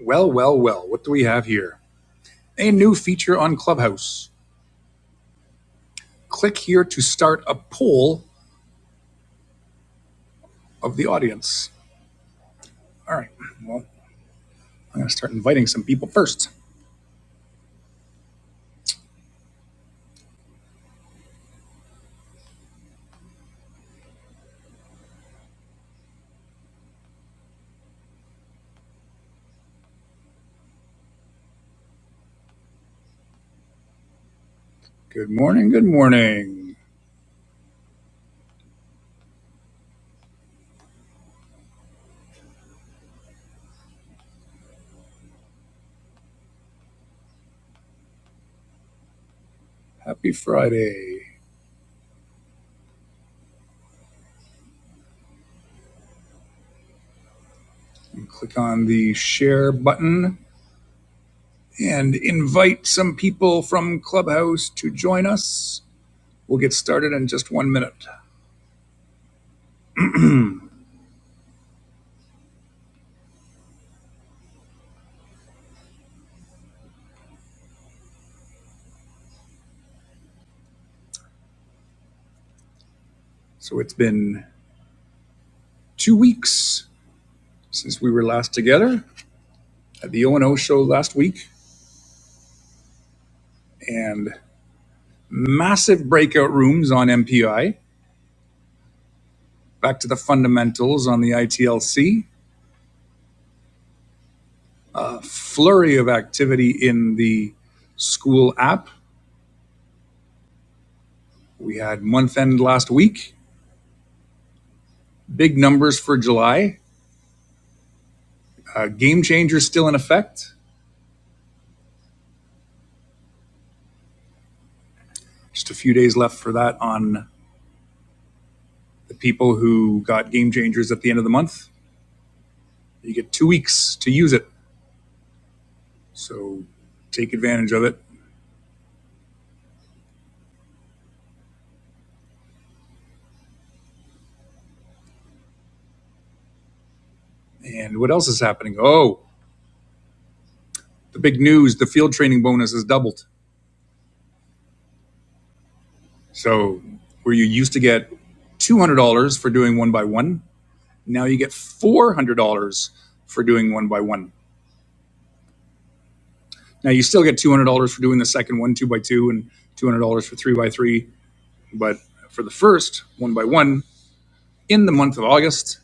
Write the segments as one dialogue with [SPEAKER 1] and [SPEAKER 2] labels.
[SPEAKER 1] Well, well, well, what do we have here? A new feature on Clubhouse. Click here to start a poll of the audience. All right, well, I'm going to start inviting some people first. Good morning, good morning. Happy Friday. And click on the share button and invite some people from Clubhouse to join us. We'll get started in just one minute. So it's been two weeks since we were last together at the O&O show last week. And massive breakout rooms on MPI, back to the fundamentals on the ITLC, a flurry of activity in the school app. We had month end last week, big numbers for July. Uh, game changers still in effect. Just a few days left for that on the people who got game changers at the end of the month. You get two weeks to use it. So take advantage of it. And what else is happening? Oh, the big news the field training bonus has doubled. So where you used to get $200 for doing one by one, now you get $400 for doing one by one. Now you still get $200 for doing the second one, two by two, and $200 for three by three. But for the first one by one in the month of August,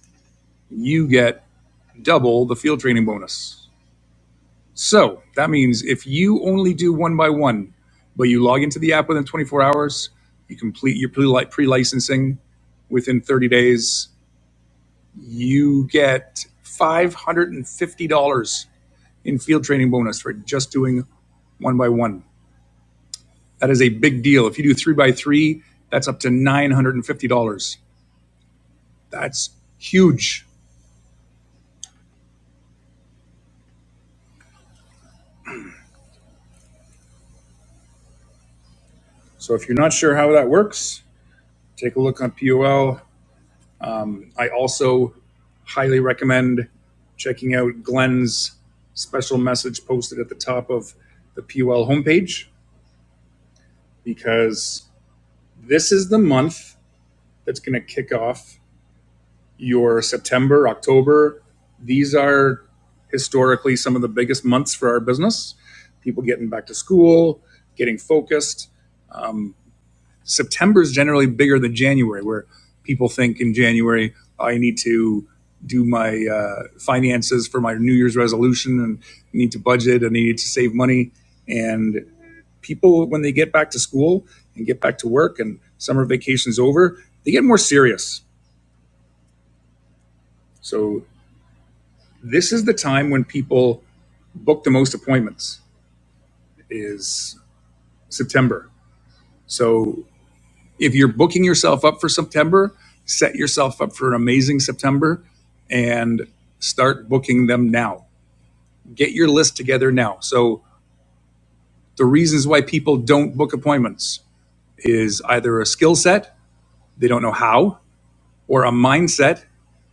[SPEAKER 1] you get double the field training bonus. So that means if you only do one by one, but you log into the app within 24 hours, you complete your pre- licensing within 30 days, you get $550 in field training bonus for just doing one by one. That is a big deal. If you do three by three, that's up to $950. That's huge. So if you're not sure how that works, take a look on POL. Um, I also highly recommend checking out Glenn's special message posted at the top of the POL homepage because this is the month that's going to kick off your September, October. These are historically some of the biggest months for our business. People getting back to school, getting focused. Um, September is generally bigger than January, where people think in January, I need to do my uh, finances for my New Year's resolution and I need to budget and I need to save money. And people, when they get back to school and get back to work and summer vacation's over, they get more serious. So This is the time when people book the most appointments is September. So if you're booking yourself up for September, set yourself up for an amazing September and start booking them now. Get your list together now. So the reasons why people don't book appointments is either a skill set, they don't know how, or a mindset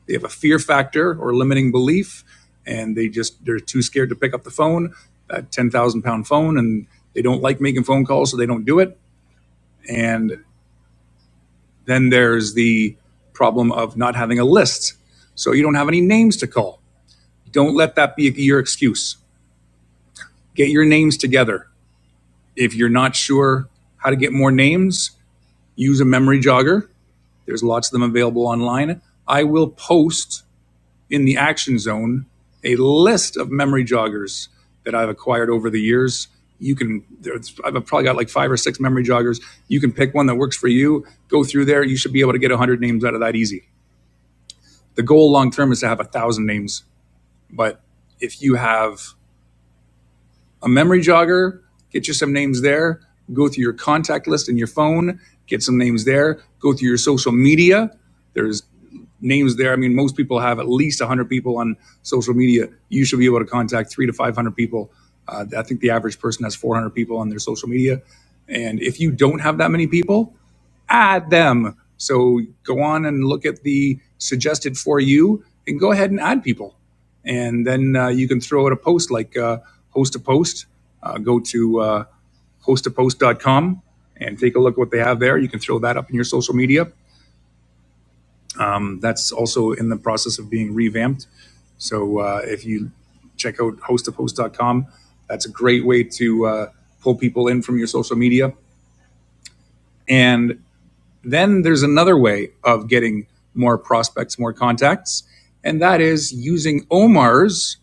[SPEAKER 1] They have a fear factor or limiting belief, and they just they're too scared to pick up the phone, that ten thousand pound phone, and they don't like making phone calls, so they don't do it. And then there's the problem of not having a list, so you don't have any names to call. Don't let that be your excuse. Get your names together. If you're not sure how to get more names, use a memory jogger. There's lots of them available online. I will post in the action zone a list of memory joggers that I've acquired over the years. You can, I've probably got like five or six memory joggers. You can pick one that works for you, go through there. You should be able to get 100 names out of that easy. The goal long term is to have a 1,000 names. But if you have a memory jogger, get you some names there, go through your contact list in your phone, get some names there, go through your social media. There's. names there. I mean, most people have at least 100 people on social media. You should be able to contact three to 500 people. Uh, I think the average person has 400 people on their social media. And if you don't have that many people, add them. So go on and look at the suggested for you and go ahead and add people. And then uh, you can throw out a post like uh, host a post. Uh, go to uh, hostapost.com and take a look at what they have there. You can throw that up in your social media um, That's also in the process of being revamped. So uh, if you check out host hostofhosts.com, that's a great way to uh, pull people in from your social media. And then there's another way of getting more prospects, more contacts, and that is using Omar's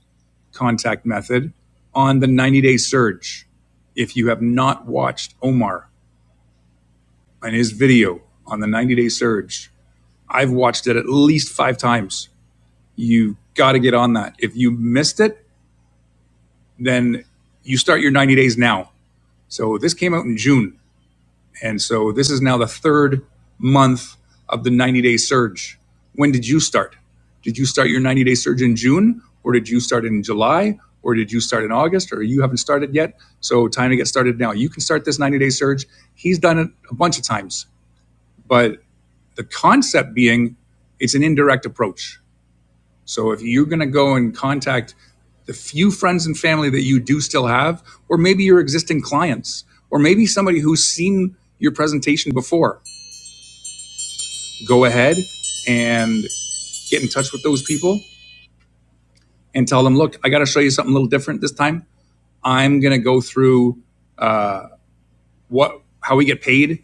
[SPEAKER 1] contact method on the 90 day surge. If you have not watched Omar and his video on the 90 day surge, I've watched it at least five times you got to get on that. If you missed it, then you start your 90 days now. So this came out in June. And so this is now the third month of the 90 day surge. When did you start? Did you start your 90 day surge in June or did you start in July or did you start in August or you haven't started yet? So time to get started now. You can start this 90 day surge. He's done it a bunch of times, but the concept being it's an indirect approach. So if you're going to go and contact the few friends and family that you do still have, or maybe your existing clients, or maybe somebody who's seen your presentation before, go ahead and get in touch with those people and tell them, look, I got to show you something a little different this time. I'm going to go through uh, what how we get paid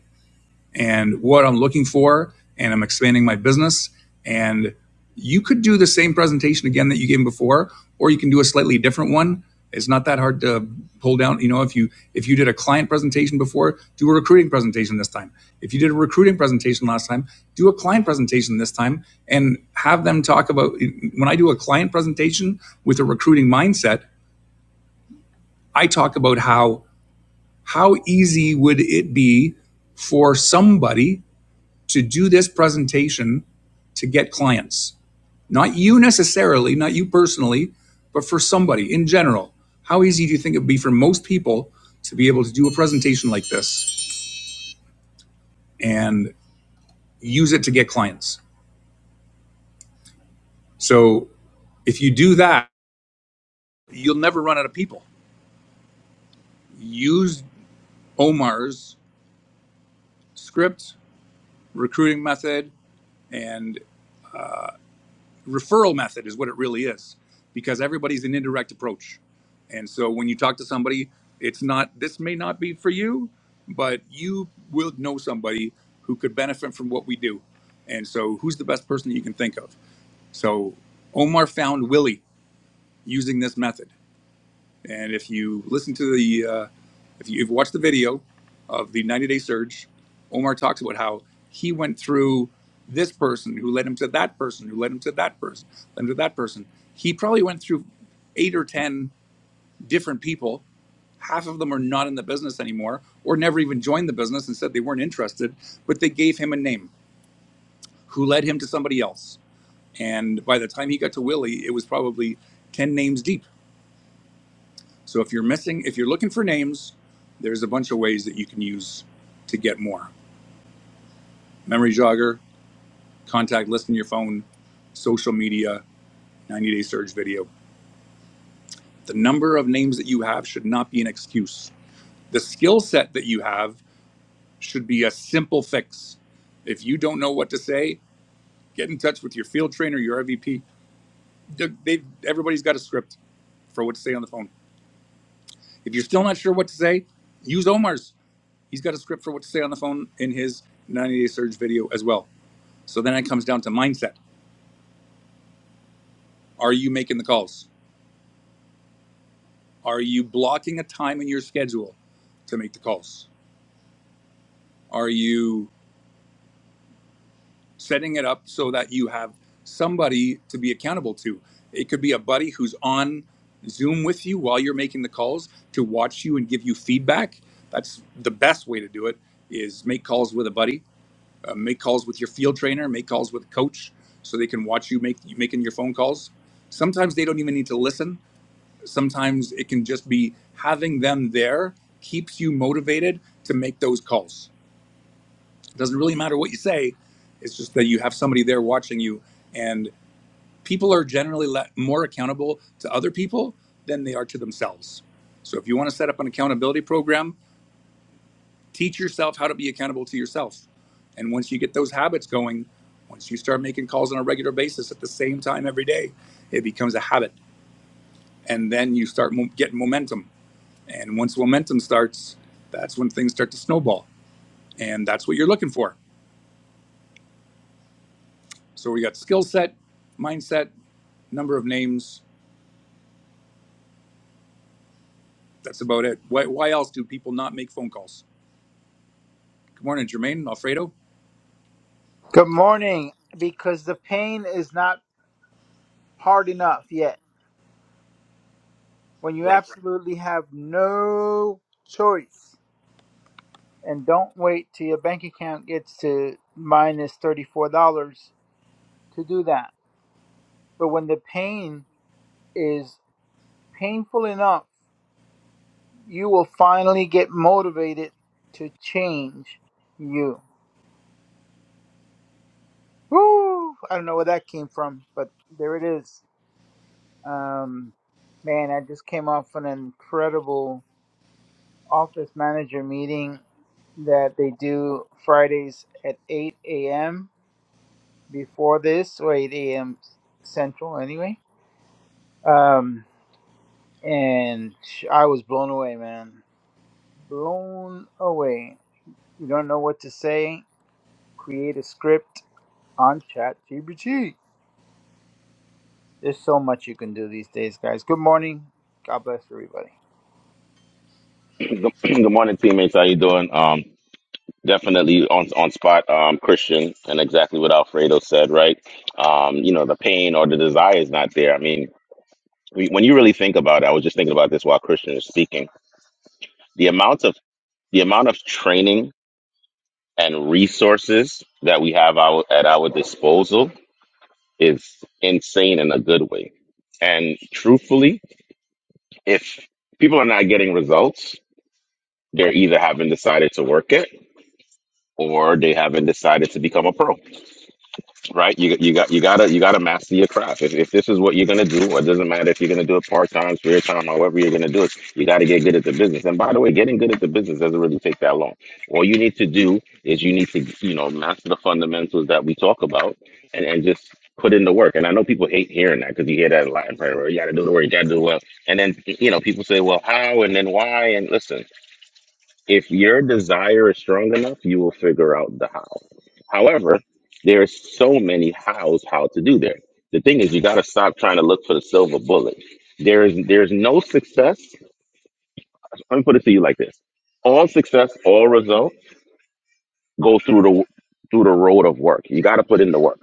[SPEAKER 1] and what I'm looking for, and I'm expanding my business. And you could do the same presentation again that you gave before, or you can do a slightly different one. It's not that hard to pull down. You know, if you if you did a client presentation before, do a recruiting presentation this time. If you did a recruiting presentation last time, do a client presentation this time, and have them talk about. When I do a client presentation with a recruiting mindset, I talk about how how easy would it be for somebody to do this presentation to get clients. Not you necessarily, not you personally, but for somebody in general. How easy do you think it would be for most people to be able to do a presentation like this and use it to get clients? So if you do that, you'll never run out of people. Use Omar's script, recruiting method, and. referral method is what it really is because everybody's an indirect approach and so when you talk to somebody it's not this may not be for you but you will know somebody who could benefit from what we do and so who's the best person that you can think of so omar found willie using this method and if you listen to the uh, if you, have watched the video of the 90 day surge, Omar talks about how he went through this person who led him to that person, who led him to that person, led him to that person. He probably went through eight or 10 different people. Half of them are not in the business anymore or never even joined the business and said they weren't interested, but they gave him a name who led him to somebody else. And by the time he got to Willie, it was probably 10 names deep. So if you're missing, if you're looking for names, there's a bunch of ways that you can use to get more. memory jogger, contact list in your phone, social media, 90 day surge video. The number of names that you have should not be an excuse. The skill set that you have should be a simple fix. If you don't know what to say, get in touch with your field trainer, your RVP. They- have everybody's got a script for what to say on the phone. If you're still not sure what to say, use Omar's. He's got a script for what to say on the phone in his 90 day surge video as well. So then it comes down to mindset. Are you making the calls? Are you blocking a time in your schedule to make the calls? Are you setting it up so that you have somebody to be accountable to? It could be a buddy who's on Zoom with you while you're making the calls to watch you and give you feedback. That's the best way to do it is make calls with a buddy, uh, make calls with your field trainer, make calls with a coach so they can watch you make making your phone calls. Sometimes they don't even need to listen Sometimes it can just be having them there keeps you motivated to make those calls. It doesn't really matter what you say, it's just that you have somebody there watching you. And people are generally le- more accountable to other people than they are to themselves. So if you want to set up an accountability program, teach yourself how to be accountable to yourself. And once you get those habits going, once you start making calls on a regular basis at the same time every day, it becomes a habit. And then you start mo- getting momentum And once momentum starts, that's when things start to snowball. And that's what you're looking for. So we got skill set, mindset, number of names. That's about it. Why, why else do people not make phone calls? Good morning, Jermaine, Alfredo.
[SPEAKER 2] Good morning. Because the pain is not hard enough yet. When you
[SPEAKER 1] Right.
[SPEAKER 2] absolutely have no choice, and don't wait till your bank account gets to minus $34 to do that. But when the pain is painful enough, you will finally get motivated to change you. Woo! I don't know where that came from, but there it is. Um, man, I just came off an incredible office manager meeting that they do Fridays at 8 a.m. before this, or 8 a.m. Central anyway. Um, and sh- I was blown away, man. Blown away. You don't know what to say. Create a script on ChatGPT. There's so much you can do these days, guys. Good morning. God bless everybody.
[SPEAKER 3] Good, good morning, teammates. How you doing? Um, definitely on on spot, um, Christian, and exactly what Alfredo said. Right? Um, you know, the pain or the desire is not there. I mean, we, when you really think about it, I was just thinking about this while Christian was speaking. The amount of the amount of training and resources that we have our, at our disposal is insane in a good way. And truthfully, if people are not getting results, they're either haven't decided to work it or they haven't decided to become a pro, right? You you got you gotta you gotta master your craft. If, if this is what you're gonna do, it doesn't matter if you're gonna do it part time, spare time, however you're gonna do it. You gotta get good at the business. And by the way, getting good at the business doesn't really take that long. All you need to do is you need to you know master the fundamentals that we talk about, and and just put in the work. And I know people hate hearing that because you hear that a lot in prayer. You gotta do the work. You gotta do well. And then you know people say, well, how and then why? And listen if your desire is strong enough, you will figure out the how. However, there are so many hows how to do there. The thing is, you got to stop trying to look for the silver bullet. There is there's no success. Let me put it to you like this: all success, all result go through the through the road of work. You got to put in the work.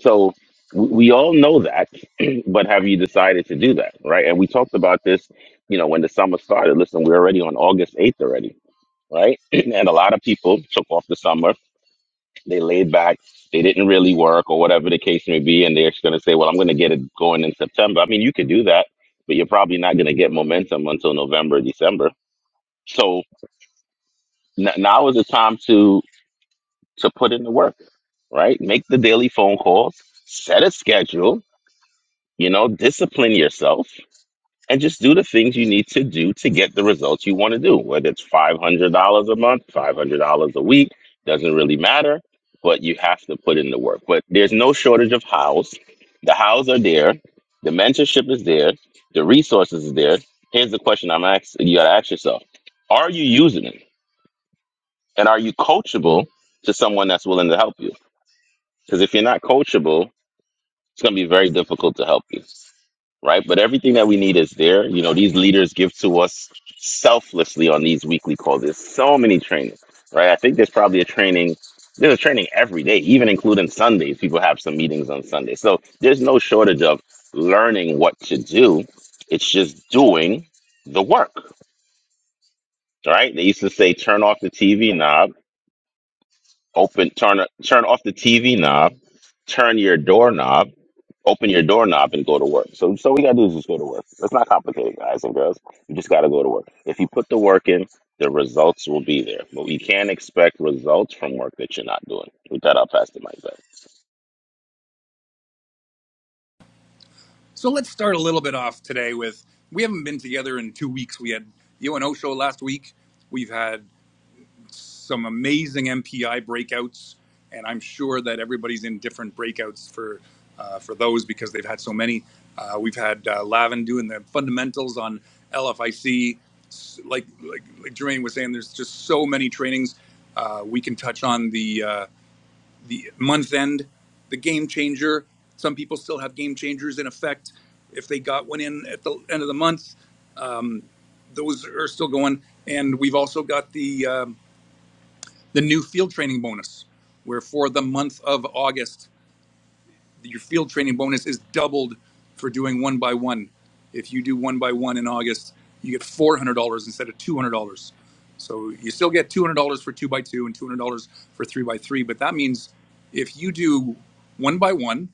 [SPEAKER 3] So we we all know that, but have you decided to do that, right? And we talked about this, you know, when the summer started. Listen, we're already on August eighth already right? and a lot of people took off the summer. They laid back. They didn't really work or whatever the case may be. And they're just going to say, well, I'm going to get it going in September. I mean, you could do that, but you're probably not going to get momentum until November, December. So n- now is the time to to put in the work, right? Make the daily phone calls, set a schedule, you know, discipline yourself and just do the things you need to do to get the results you want to do. Whether it's five hundred dollars a month, five hundred dollars a week, doesn't really matter. But you have to put in the work. But there's no shortage of hows. The hows are there. The mentorship is there. The resources is there. Here's the question I'm asking: You got to ask yourself: Are you using it, and are you coachable to someone that's willing to help you? Because if you're not coachable, it's going to be very difficult to help you right? But everything that we need is there. You know, these leaders give to us selflessly on these weekly calls. There's so many trainings, right? I think there's probably a training. There's a training every day, even including Sundays. People have some meetings on Sunday. So there's no shortage of learning what to do. It's just doing the work, right? They used to say, turn off the TV knob, open, turn, turn off the TV knob, turn your doorknob Open your doorknob and go to work. So, so we gotta do is just go to work. It's not complicated, guys and girls. You just gotta go to work. If you put the work in, the results will be there. But you can't expect results from work that you're not doing. With that, I'll pass the mic back.
[SPEAKER 1] So let's start a little bit off today with we haven't been together in two weeks. We had the O and O show last week. We've had some amazing MPI breakouts, and I'm sure that everybody's in different breakouts for uh, for those because they've had so many. Uh, we've had uh, Lavin doing the fundamentals on LFIC. Like like like Jermaine was saying, there's just so many trainings. Uh, we can touch on the uh, the month end, the game changer. Some people still have game changers in effect if they got one in at the end of the month. Um, Those are still going, and we've also got the uh, the new field training bonus, where for the month of August, your field training bonus is doubled for doing one by one. If you do one by one in August, you get $400 instead of $200. So you still get $200 for two by two and $200 for three by three. But that means if you do one by one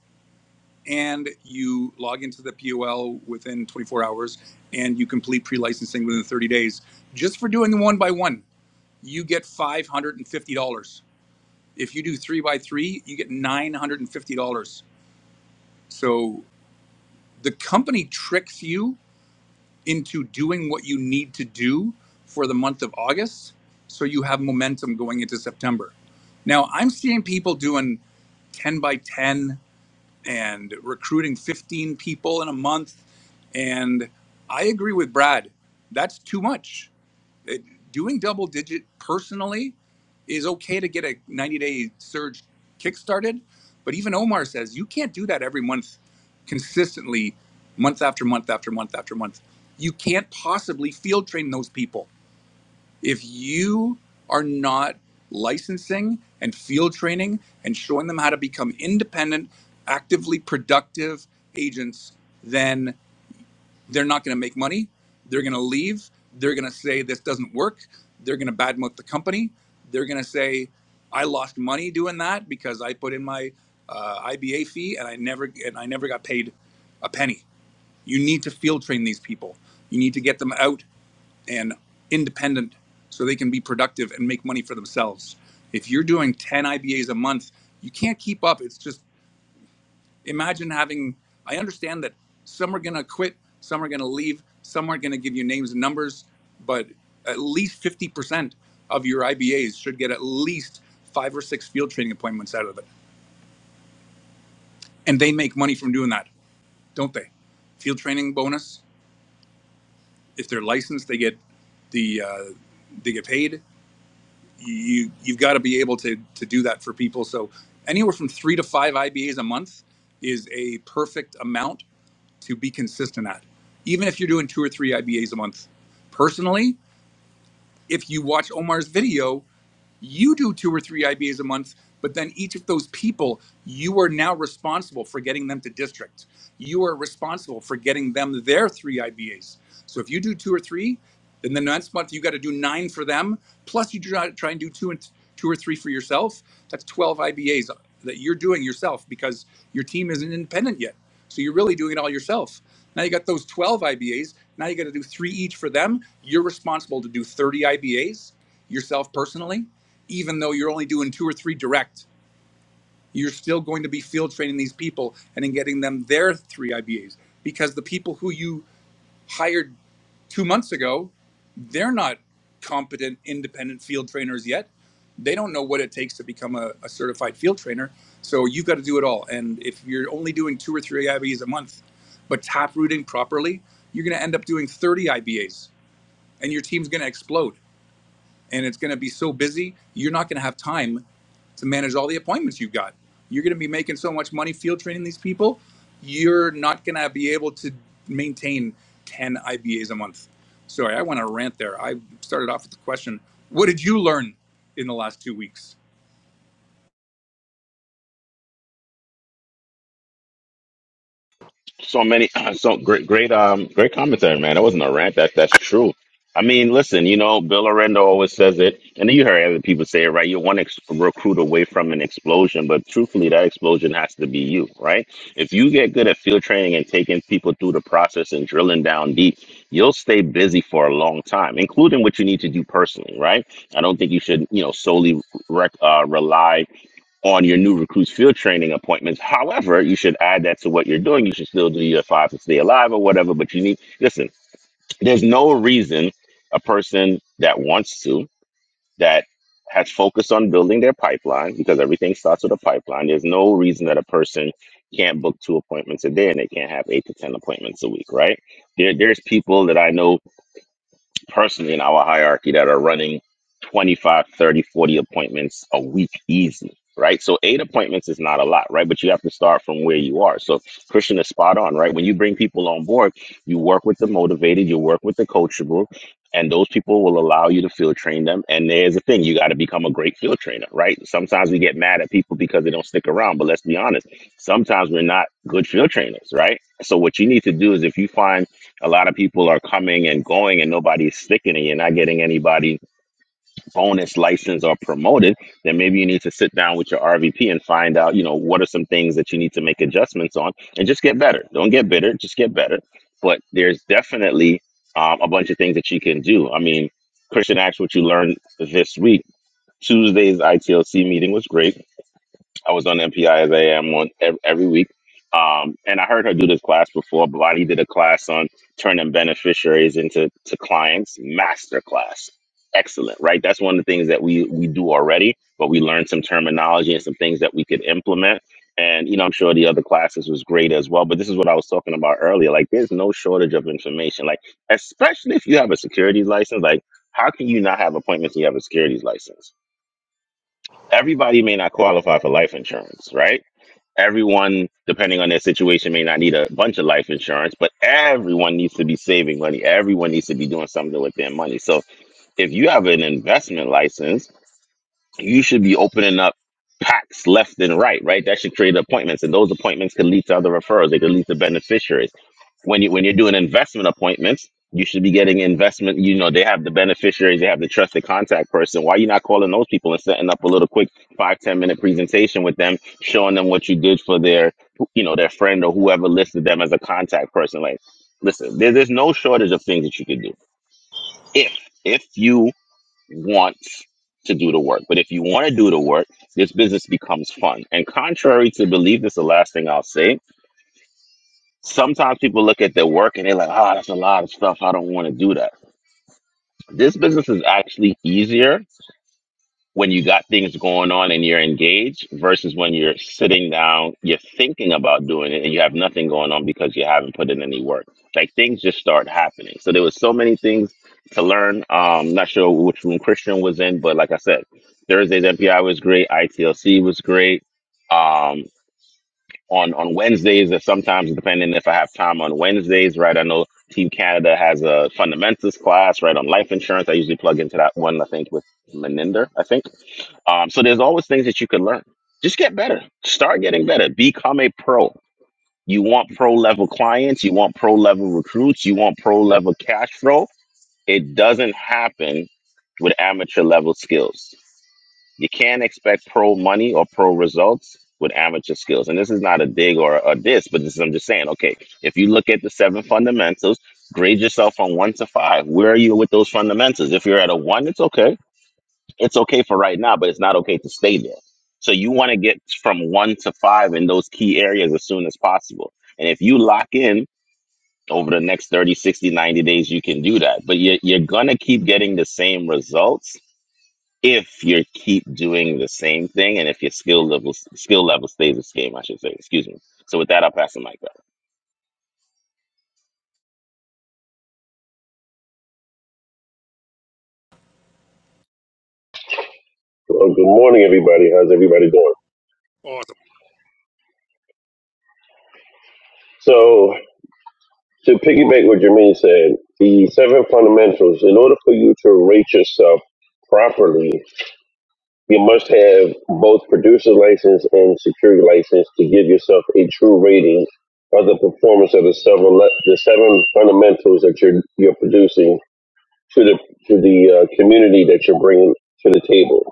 [SPEAKER 1] and you log into the POL within 24 hours and you complete pre licensing within 30 days, just for doing the one by one, you get $550 if you do three by three, you get nine hundred and fifty dollars. So the company tricks you into doing what you need to do for the month of August, so you have momentum going into September. Now I'm seeing people doing ten by ten and recruiting fifteen people in a month, and I agree with Brad. That's too much doing double digit personally is okay to get a 90 day surge kickstarted. But even Omar says you can't do that every month consistently, month after month after month after month. You can't possibly field train those people. If you are not licensing and field training and showing them how to become independent, actively productive agents, Then. They're not going to make money. They're going to leave. They're going to say this doesn't work. They're going to badmouth the company. They're going to say I lost money doing that because I put in my uh, IBA fee and I never and I never got paid a penny. You need to field train these people. You need to get them out and independent so they can be productive and make money for themselves. If you're doing 10 IBAs a month, you can't keep up. It's just imagine having i understand that some are going to quit some are going to leave some aren't going to give you names and numbers but at least 50% of your ibas should get at least five or six field training appointments out of it and they make money from doing that don't they field training bonus if they're licensed they get the uh, they get paid you you've got to be able to to do that for people so anywhere from three to five ibas a month is a perfect amount to be consistent at, even if you're doing two or three IBAs a month. Personally, if you watch Omar's video, you do two or three IBAs a month, but then each of those people, you are now responsible for getting them to district. You are responsible for getting them their three IBAs. So if you do two or three, then the next month you got to do nine for them. Plus you try, try and do two and two or three for yourself. That's 12 IBAs that you're doing yourself because your team isn't independent yet. So you're really doing it all yourself. Now you got those 12 IBAs. Now you got to do three each for them. You're responsible to do 30 IBAs yourself personally even though you're only doing two or three direct, you're still going to be field training these people and then getting them their three IBAs because the people who you hired two months ago, they're not competent independent field trainers yet. They don't know what it takes to become a, a certified field trainer. So you've got to do it all. And if you're only doing two or three IBAs a month, but tap rooting properly, you're going to end up doing 30 IBAs and your team's going to explode and it's going to be so busy you're not going to have time to manage all the appointments you've got you're going to be making so much money field training these people you're not going to be able to maintain 10 ibas a month sorry i went on a rant there i started off with the question what did you learn in the last two weeks
[SPEAKER 3] so many so great great um great commentary man that wasn't a rant that that's true i mean listen you know bill Orlando always says it and you heard other people say it right you're one ex- recruit away from an explosion but truthfully that explosion has to be you right if you get good at field training and taking people through the process and drilling down deep you'll stay busy for a long time including what you need to do personally right i don't think you should you know solely rec- uh, rely on your new recruits field training appointments. However, you should add that to what you're doing. You should still do your five to stay alive or whatever, but you need, listen, there's no reason a person that wants to, that has focused on building their pipeline, because everything starts with a pipeline, there's no reason that a person can't book two appointments a day and they can't have eight to 10 appointments a week, right? There, there's people that I know personally in our hierarchy that are running 25, 30, 40 appointments a week easy, right? So eight appointments is not a lot, right? But you have to start from where you are. So Christian is spot on, right? When you bring people on board, you work with the motivated, you work with the coachable, and those people will allow you to field train them. And there's a thing, you got to become a great field trainer, right? Sometimes we get mad at people because they don't stick around, but let's be honest, sometimes we're not good field trainers, right? So what you need to do is if you find a lot of people are coming and going and nobody's sticking and you're not getting anybody bonus license or promoted then maybe you need to sit down with your rvp and find out you know what are some things that you need to make adjustments on and just get better don't get bitter just get better but there's definitely um, a bunch of things that you can do i mean christian asked what you learned this week tuesday's itlc meeting was great I was on MPI as I am on ev- every week. Um, and I heard her do this class before. Blondie did a class on turning beneficiaries into to clients, master class. Excellent, right? That's one of the things that we we do already, but we learned some terminology and some things that we could implement. And you know, I'm sure the other classes was great as well. But this is what I was talking about earlier. Like, there's no shortage of information. Like, especially if you have a securities license. Like, how can you not have appointments? If you have a securities license. Everybody may not qualify for life insurance, right? Everyone, depending on their situation, may not need a bunch of life insurance, but everyone needs to be saving money. Everyone needs to be doing something with their money. So if you have an investment license, you should be opening up packs left and right, right? That should create appointments, and those appointments could lead to other referrals. They could lead to beneficiaries. When you when you're doing investment appointments, you should be getting investment. You know, they have the beneficiaries, they have the trusted contact person. Why you not calling those people and setting up a little quick five ten minute presentation with them, showing them what you did for their, you know, their friend or whoever listed them as a contact person? Like, listen, there, there's no shortage of things that you could do if if you wants to do the work. But if you want to do the work, this business becomes fun. And contrary to belief, this is the last thing I'll say. Sometimes people look at their work and they're like, "Ah, that's a lot of stuff. I don't want to do that. This business is actually easier when you got things going on and you're engaged versus when you're sitting down, you're thinking about doing it and you have nothing going on because you haven't put in any work. Like things just start happening. So there was so many things to learn. Um, not sure which room Christian was in, but like I said, Thursday's MPI was great. ITLC was great. Um, on on Wednesdays, or sometimes depending if I have time on Wednesdays, right? I know Team Canada has a fundamentals class, right, on life insurance. I usually plug into that one. I think with Meninder, I think. Um, so there's always things that you can learn. Just get better. Start getting better. Become a pro. You want pro level clients. You want pro level recruits. You want pro level cash flow. It doesn't happen with amateur level skills. You can't expect pro money or pro results with amateur skills. And this is not a dig or a diss, but this is I'm just saying, okay, if you look at the seven fundamentals, grade yourself on one to five. Where are you with those fundamentals? If you're at a one, it's okay it's okay for right now, but it's not okay to stay there. So you want to get from one to five in those key areas as soon as possible. And if you lock in over the next 30, 60, 90 days, you can do that. But you're, you're going to keep getting the same results if you keep doing the same thing and if your skill level skill level stays the same, I should say. Excuse me. So with that, I'll pass the mic back.
[SPEAKER 4] Well, good morning, everybody. How's everybody doing?
[SPEAKER 1] awesome
[SPEAKER 4] So, to piggyback what Jermaine said, the seven fundamentals, in order for you to rate yourself properly, you must have both producer license and security license to give yourself a true rating of the performance of the seven le- the seven fundamentals that you're you're producing to the to the uh, community that you're bringing to the table.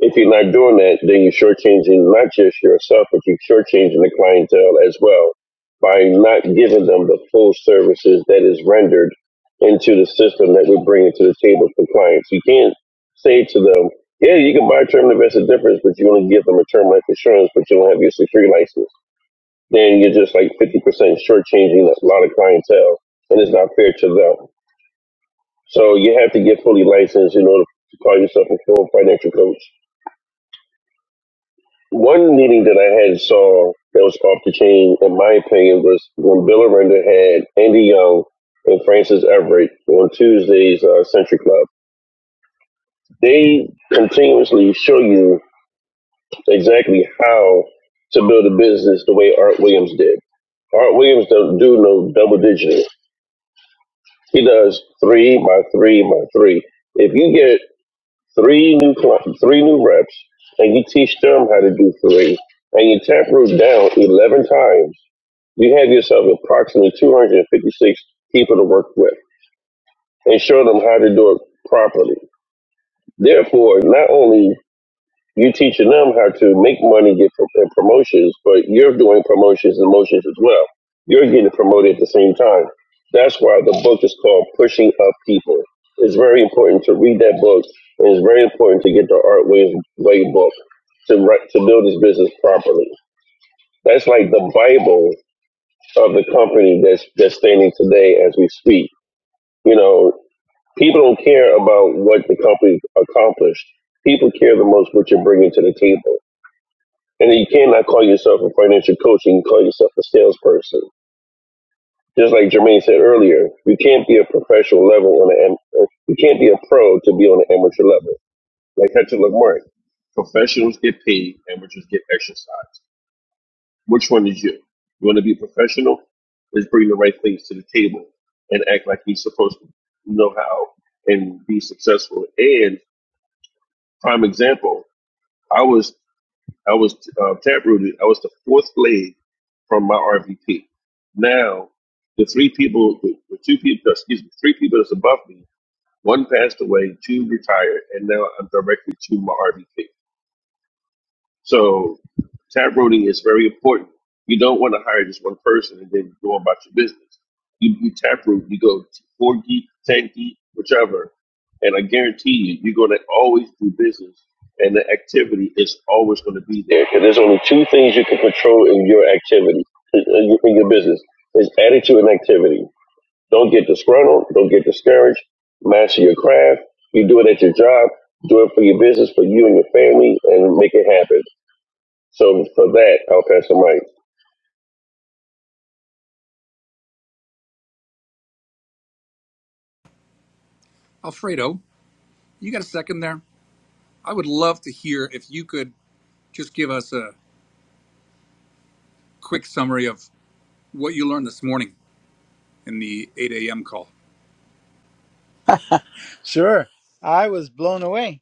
[SPEAKER 4] If you're not doing that, then you're shortchanging not just yourself, but you're shortchanging the clientele as well by not giving them the full services that is rendered into the system that we're bringing to the table for clients. You can't say to them, yeah, you can buy a term to invest the difference, but you only give them a term life insurance, but you don't have your security license. Then you're just like 50% shortchanging a lot of clientele, and it's not fair to them. So you have to get fully licensed in order to call yourself a full financial coach One meeting that I had saw that was off the chain, in my opinion, was when Bill Aranda had Andy Young and Francis Everett on Tuesday's uh, Century Club. They continuously show you exactly how to build a business the way Art Williams did. Art Williams don't do no double digiting. He does three by three by three. If you get three new cli- three new reps and you teach them how to do three, and you tap root down eleven times You have yourself approximately 256 people to work with and show them how to do it properly. Therefore, not only you teaching them how to make money, get pro- and promotions, but you're doing promotions and motions as well. You're getting promoted at the same time. That's why the book is called Pushing Up People. It's very important to read that book, and it's very important to get the Art Way, Way book to write, to build this business properly. That's like the Bible of the company that's that's standing today as we speak. You know, people don't care about what the company accomplished. People care the most what you're bringing to the table. And you cannot call yourself a financial coach. You can call yourself a salesperson. Just like Jermaine said earlier, you can't be a professional level on an am- you can't be a pro to be on an amateur level. Like Hector Lamarck, professionals get paid, amateurs get exercise. Which one is you? You want to be professional? Is bring the right things to the table and act like he's supposed to know how and be successful. And prime example, I was I was uh, tap rooted. I was the fourth blade from my RVP. Now the three people, the, the two people, excuse me, three people that's above me. One passed away, two retired, and now I'm directly to my RVP. So tab roading is very important. You don't want to hire just one person and then go about your business. You, you tap root, you go four geek, ten geek, whichever, and I guarantee you, you're going to always do business, and the activity is always going to be there. And there's only two things you can control in your activity, in in your in your business, is attitude and activity. Don't get disgruntled. Don't get discouraged. Master your craft. You do it at your job. Do it for your business, for you and your family, and make it happen. So for that, I'll pass the mic.
[SPEAKER 1] alfredo you got a second there i would love to hear if you could just give us a quick summary of what you learned this morning in the 8 a.m call
[SPEAKER 2] Sure. I was blown away.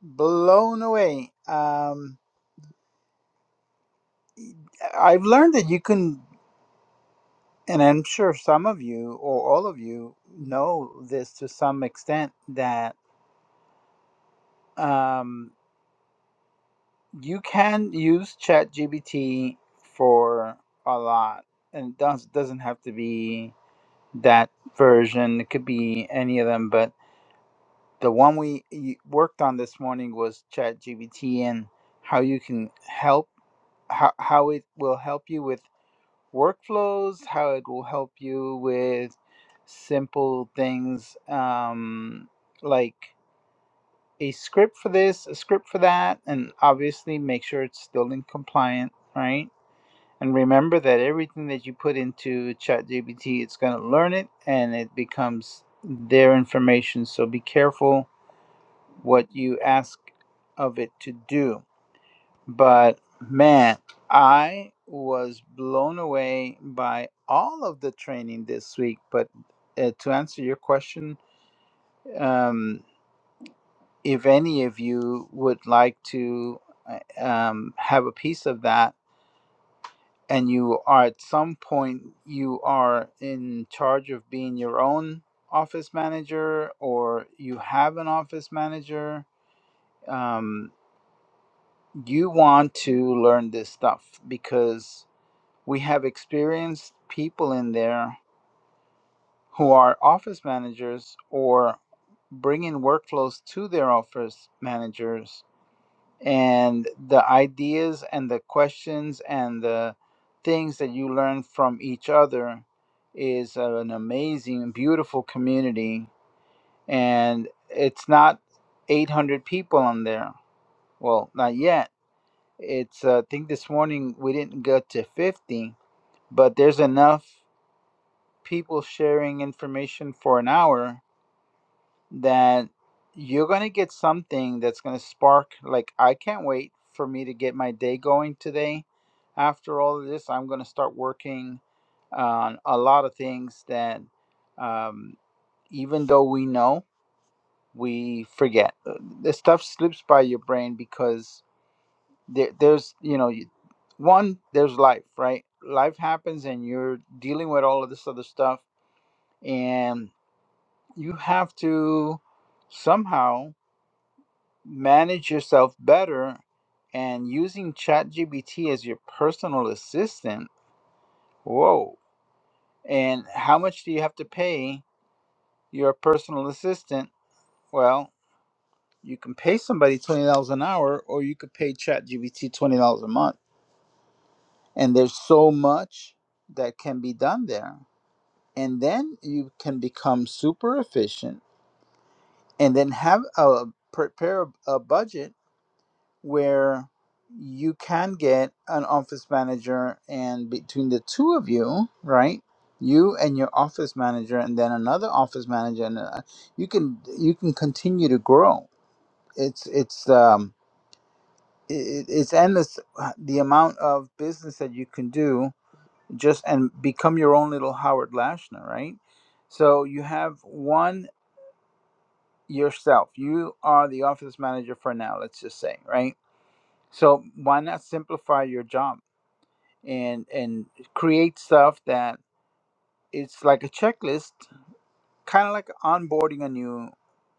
[SPEAKER 2] Blown away. Um, I've learned that you can. And I'm sure some of you or all of you know this to some extent that um, you can use ChatGPT for a lot, and it does, doesn't have to be that version. It could be any of them, but the one we y- worked on this morning was ChatGPT and how you can help how, how it will help you with workflows, how it will help you with simple things um, like a script for this, a script for that, and obviously make sure it's still in compliant, right? And remember that everything that you put into ChatGPT, it's going to learn it and it becomes their information. So be careful what you ask of it to do but man, I was blown away by all of the training this week. But uh, to answer your question, um, if any of you would like to uh, um, have a piece of that, and you are at some point you are in charge of being your own office manager, or you have an office manager, um, you want to learn this stuff because we have experienced people in there who are office managers or bringing workflows to their office managers and the ideas and the questions and the things that you learn from each other is an amazing beautiful community and it's not 800 people on there well not yet it's uh, i think this morning we didn't get to 50 but there's enough people sharing information for an hour that you're going to get something that's going to spark like i can't wait for me to get my day going today after all of this i'm going to start working on a lot of things that um, even though we know we forget Uh, the stuff slips by your brain because there, there's you know you- one there's life right life happens and you're dealing with all of this other stuff and. you have to somehow manage yourself better and using ChatGPT as your personal assistant. Whoa. And how much do you have to pay your personal assistant? Well, you can pay somebody $20 an hour or you could pay ChatGPT $20 a month. And there's so much that can be done there. And then you can become super efficient and then have a prepare a budget where you can get an office manager and between the two of you right you and your office manager and then another office manager and uh, you can you can continue to grow it's it's um it, it's endless uh, the amount of business that you can do just and become your own little howard lashner right so you have one yourself you are the office manager for now let's just say right so why not simplify your job and and create stuff that it's like a checklist, kind of like onboarding a new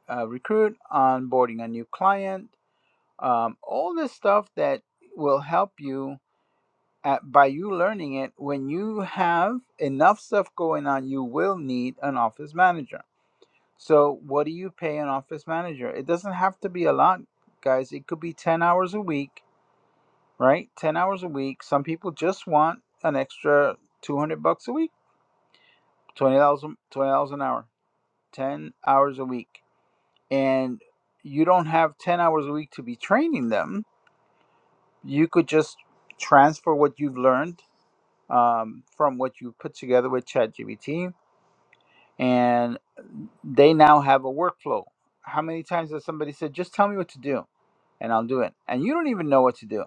[SPEAKER 2] uh, recruit, onboarding a new client, um, all this stuff that will help you at, by you learning it. When you have enough stuff going on, you will need an office manager. So, what do you pay an office manager? It doesn't have to be a lot, guys. It could be 10 hours a week, right? 10 hours a week. Some people just want an extra 200 bucks a week twenty dollars twenty dollars an hour, ten hours a week, and you don't have ten hours a week to be training them. You could just transfer what you've learned um, from what you put together with ChatGPT, and they now have a workflow. How many times has somebody said, "Just tell me what to do, and I'll do it," and you don't even know what to do.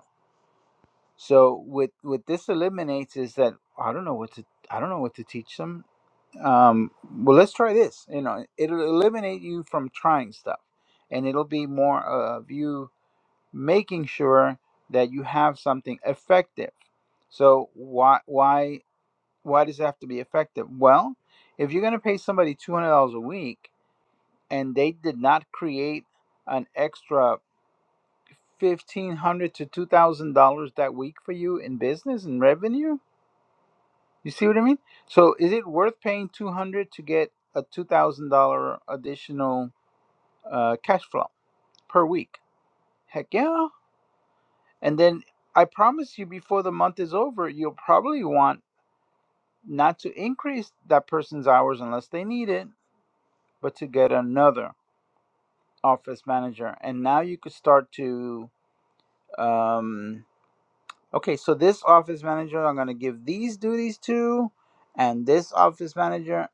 [SPEAKER 2] So with what this eliminates is that I don't know what to I don't know what to teach them. um, well, let's try this. You know, it'll eliminate you from trying stuff, and it'll be more of you making sure that you have something effective. So why why why does it have to be effective? Well, if you're going to pay somebody two hundred dollars a week and they did not create an extra fifteen hundred to two thousand dollars that week for you in business and revenue You see what I mean? So is it worth paying 200 to get a $2,000 additional uh, cash flow per week? Heck yeah. And then I promise you before the month is over, you'll probably want not to increase that person's hours unless they need it, but to get another office manager. And now you could start to um okay, so this office manager I'm going to give these duties to and this office manager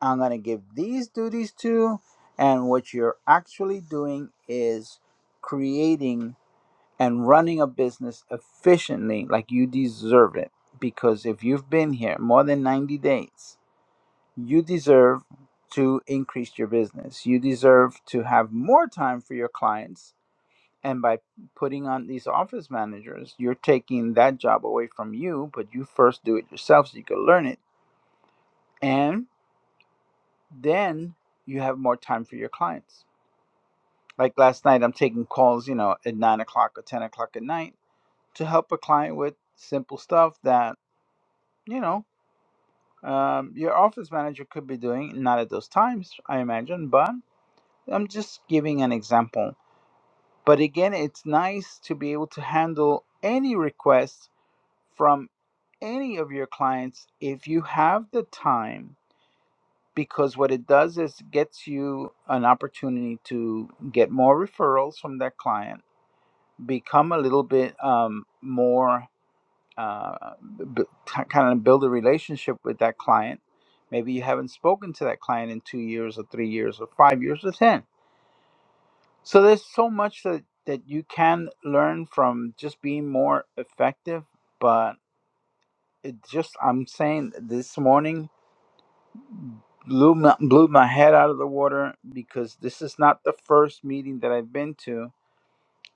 [SPEAKER 2] I'm going to give these duties to. And what you're actually doing is creating and running a business efficiently like you deserve it. Because if you've been here more than 90 days, you deserve to increase your business. You deserve to have more time for your clients. And by putting on these office managers, you're taking that job away from you, but you first do it yourself so you can learn it. And then you have more time for your clients Like last night, I'm taking calls, you know, at nine o'clock or 10 o'clock at night to help a client with simple stuff that, you know, um, your office manager could be doing, not at those times, I imagine, but I'm just giving an example. But again, it's nice to be able to handle any request from any of your clients if you have the time because what it does is gets you an opportunity to get more referrals from that client become a little bit um, more uh, b- kind of build a relationship with that client. Maybe you haven't spoken to that client in two years or three years or five years or 10. So there's so much that, that you can learn from just being more effective. But it just, I'm saying this morning, blew my, blew my head out of the water because this is not the first meeting that I've been to.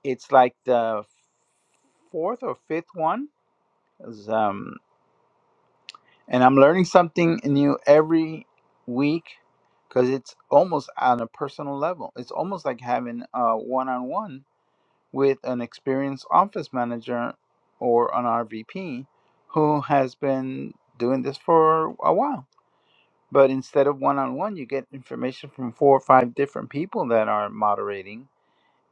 [SPEAKER 2] It's like the fourth or fifth one. It was, Um. and I'm learning something new every week because it's almost on a personal level. It's almost like having a one-on-one with an experienced office manager or an RVP who has been doing this for a while. But instead of one-on-one, you get information from four or five different people that are moderating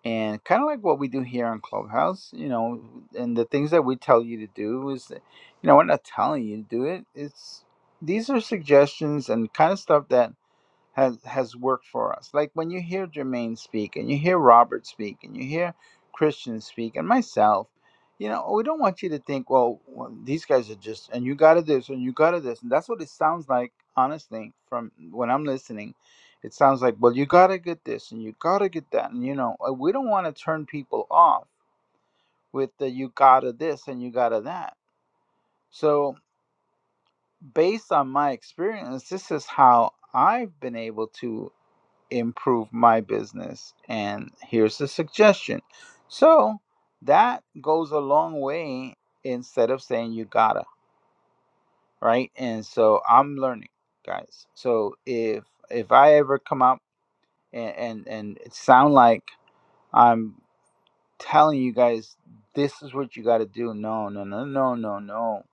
[SPEAKER 2] and kind of like what we do here on clubhouse you know and the things that we tell you to do is you know we're not telling you to do it it's these are suggestions and kind of stuff that has has worked for us. Like when you hear Jermaine speak and you hear Robert speak and you hear Christian speak and myself, you know, we don't want you to think, well, well, these guys are just and you got to this and you got to this, and that's what it sounds like. Honestly, from when I'm listening, it sounds like, well, you got to get this and you got to get that, and you know, uh, we don't want to turn people off with the you got to this and you got to that. So based on my experience, this is how I've been able to improve my business and here's the suggestion so that goes a long way instead of saying you gotta right and so i'm learning guys so if if i ever come out and and, and it sound like i'm telling you guys this is what you gotta do no no no no no no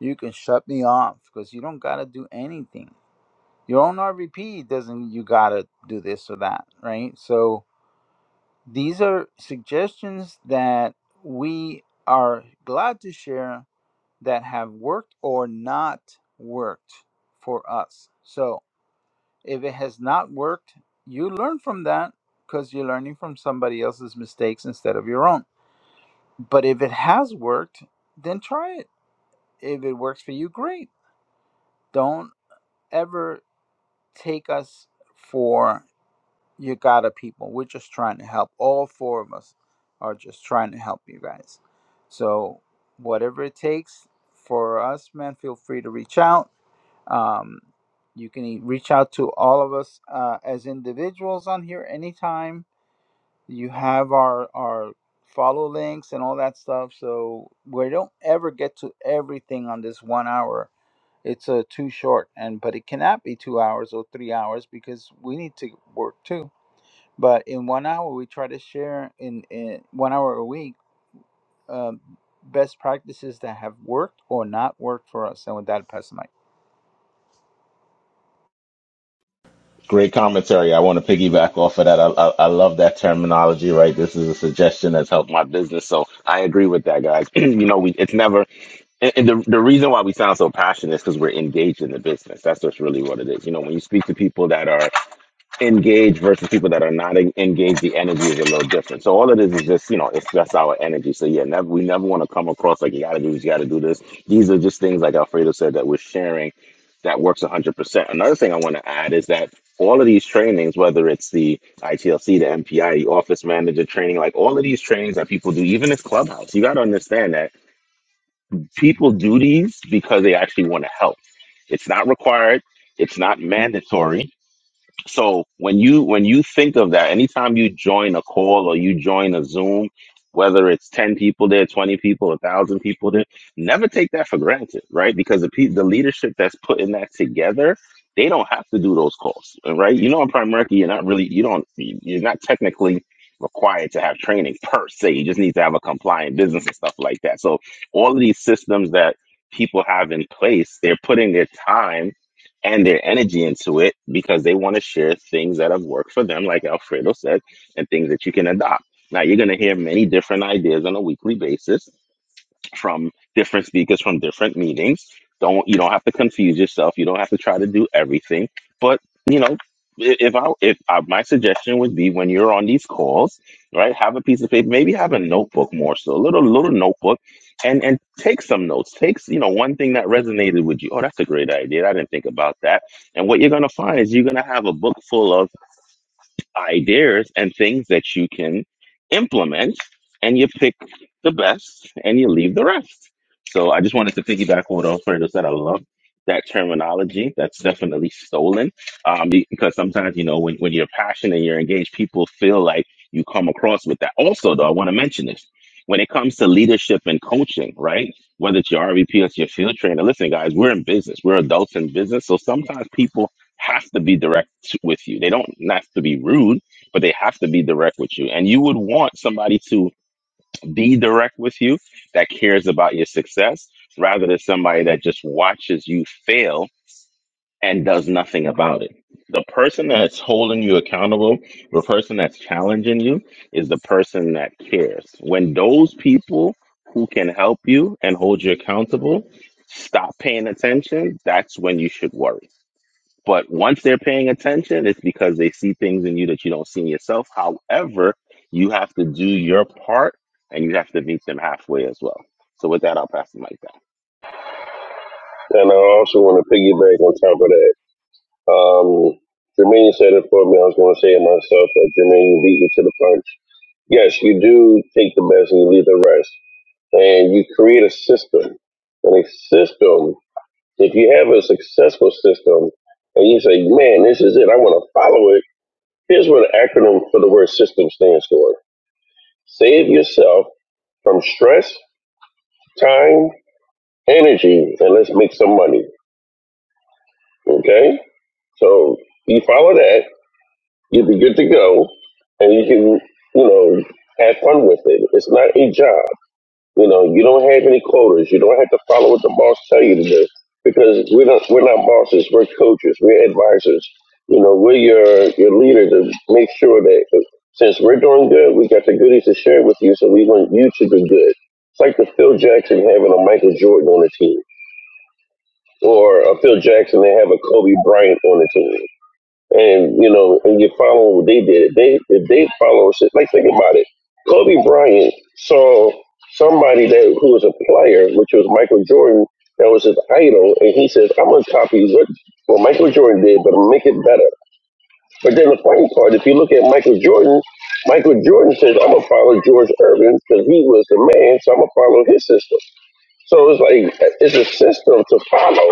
[SPEAKER 2] you can shut me off because you don't gotta do anything your own rvp doesn't you gotta do this or that right so These are suggestions that we are glad to share that have worked or not worked for us. So, if it has not worked, you learn from that because you're learning from somebody else's mistakes instead of your own. But if it has worked, then try it. If it works for you, great. Don't ever take us for you gotta people we're just trying to help all four of us are just trying to help you guys so whatever it takes for us man feel free to reach out um, you can e- reach out to all of us uh, as individuals on here anytime you have our our follow links and all that stuff so we don't ever get to everything on this one hour it's uh, too short and but it cannot be two hours or three hours because we need to work too but in one hour, we try to share in, in one hour a week um, best practices that have worked or not worked for us. And with that, I pass the mic.
[SPEAKER 3] Great commentary. I want to piggyback off of that. I, I, I love that terminology, right? This is a suggestion that's helped my business. So I agree with that, guys. you know, we it's never and, and the, the reason why we sound so passionate is because we're engaged in the business. That's just really what it is. You know, when you speak to people that are engaged versus people that are not en- engaged, the energy is a little different. So all of this is just, you know, it's that's our energy. So yeah, never we never want to come across like you got to do this, you got to do this. These are just things like Alfredo said that we're sharing that works 100%. Another thing I want to add is that all of these trainings, whether it's the ITLC, the MPI, the office manager training, like all of these trainings that people do, even this clubhouse, you got to understand that people do these because they actually want to help. It's not required. It's not mandatory so when you when you think of that, anytime you join a call or you join a Zoom, whether it's ten people there, twenty people, a thousand people there, never take that for granted, right? Because the pe- the leadership that's putting that together, they don't have to do those calls, right? You know, in Primerica, you're not really you don't you're not technically required to have training per se. You just need to have a compliant business and stuff like that. So all of these systems that people have in place, they're putting their time and their energy into it because they want to share things that have worked for them, like Alfredo said, and things that you can adopt. Now, you're going to hear many different ideas on a weekly basis from different speakers from different meetings. Don't you don't have to confuse yourself. You don't have to try to do everything. But you know, i- if I if I, my suggestion would be when you're on these calls, right, have a piece of paper, maybe have a notebook more so, a little little notebook, and and take some notes. Take you know one thing that resonated with you. Oh, that's a great idea. I didn't think about that. And what you're gonna find is you're gonna have a book full of ideas and things that you can implement, and you pick the best and you leave the rest. So I just wanted to piggyback on what Alfredo said. I love that terminology. That's definitely stolen um, because sometimes, you know, when, when you're passionate and you're engaged, people feel like you come across with that. Also, though, I want to mention this. When it comes to leadership and coaching, right? Whether it's your RVP or it's your field trainer, listen, guys, we're in business. We're adults in business. So sometimes people have to be direct with you. They don't have to be rude, but they have to be direct with you. And you would want somebody to be direct with you that cares about your success rather than somebody that just watches you fail and does nothing about it. The person that's holding you accountable, the person that's challenging you, is the person that cares. When those people who can help you and hold you accountable stop paying attention, that's when you should worry but once they're paying attention, it's because they see things in you that you don't see in yourself. However, you have to do your part and you have to meet them halfway as well. So with that, I'll pass the mic down.
[SPEAKER 4] And I also want to piggyback on top of that. Um, Jermaine said it for me. I was going to say it myself, but Jermaine beat me to the punch. Yes, you do take the best and you leave the rest. And you create a system. And a system, if you have a successful system and you say, man, this is it, I want to follow it, here's what the acronym for the word system stands for. Save yourself from stress, time, energy, and let's make some money. Okay, so you follow that, you'll be good to go, and you can, you know, have fun with it. It's not a job. You know, you don't have any quotas. You don't have to follow what the boss tell you to do because we're not we're not bosses. We're coaches. We're advisors. You know, we're your your leader to make sure that since we're doing good, we got the goodies to share with you. So we want you to do good. It's like the Phil Jackson having a Michael Jordan on the team, or a Phil Jackson they have a Kobe Bryant on the team and you know, and you follow what they did. They if they follow shit, like think about it. Kobe Bryant saw somebody that who was a player, which was Michael Jordan, that was his idol, and he says, "I'm gonna copy what what Michael Jordan did, but make it better." But then the funny part, if you look at Michael Jordan, Michael Jordan says, "I'm gonna follow George Irvin because he was the man, so I'm gonna follow his system." So it's like it's a system to follow,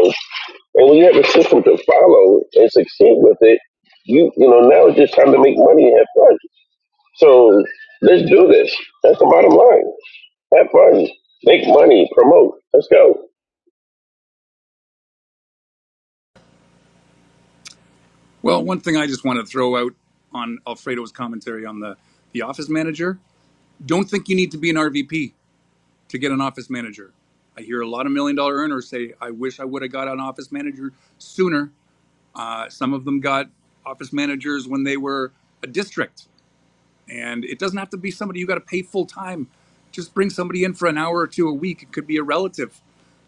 [SPEAKER 4] and when you have a system to follow and succeed with it, you you know now it's just time to make money and have fun. So let's do this. That's the bottom line. Have fun, make money, promote. Let's go.
[SPEAKER 1] Well, one thing I just want to throw out on Alfredo's commentary on the, the office manager don't think you need to be an RVP to get an office manager. I hear a lot of million dollar earners say, I wish I would have got an office manager sooner. Uh, some of them got office managers when they were a district and it doesn't have to be somebody you got to pay full time. Just bring somebody in for an hour or two a week. It could be a relative,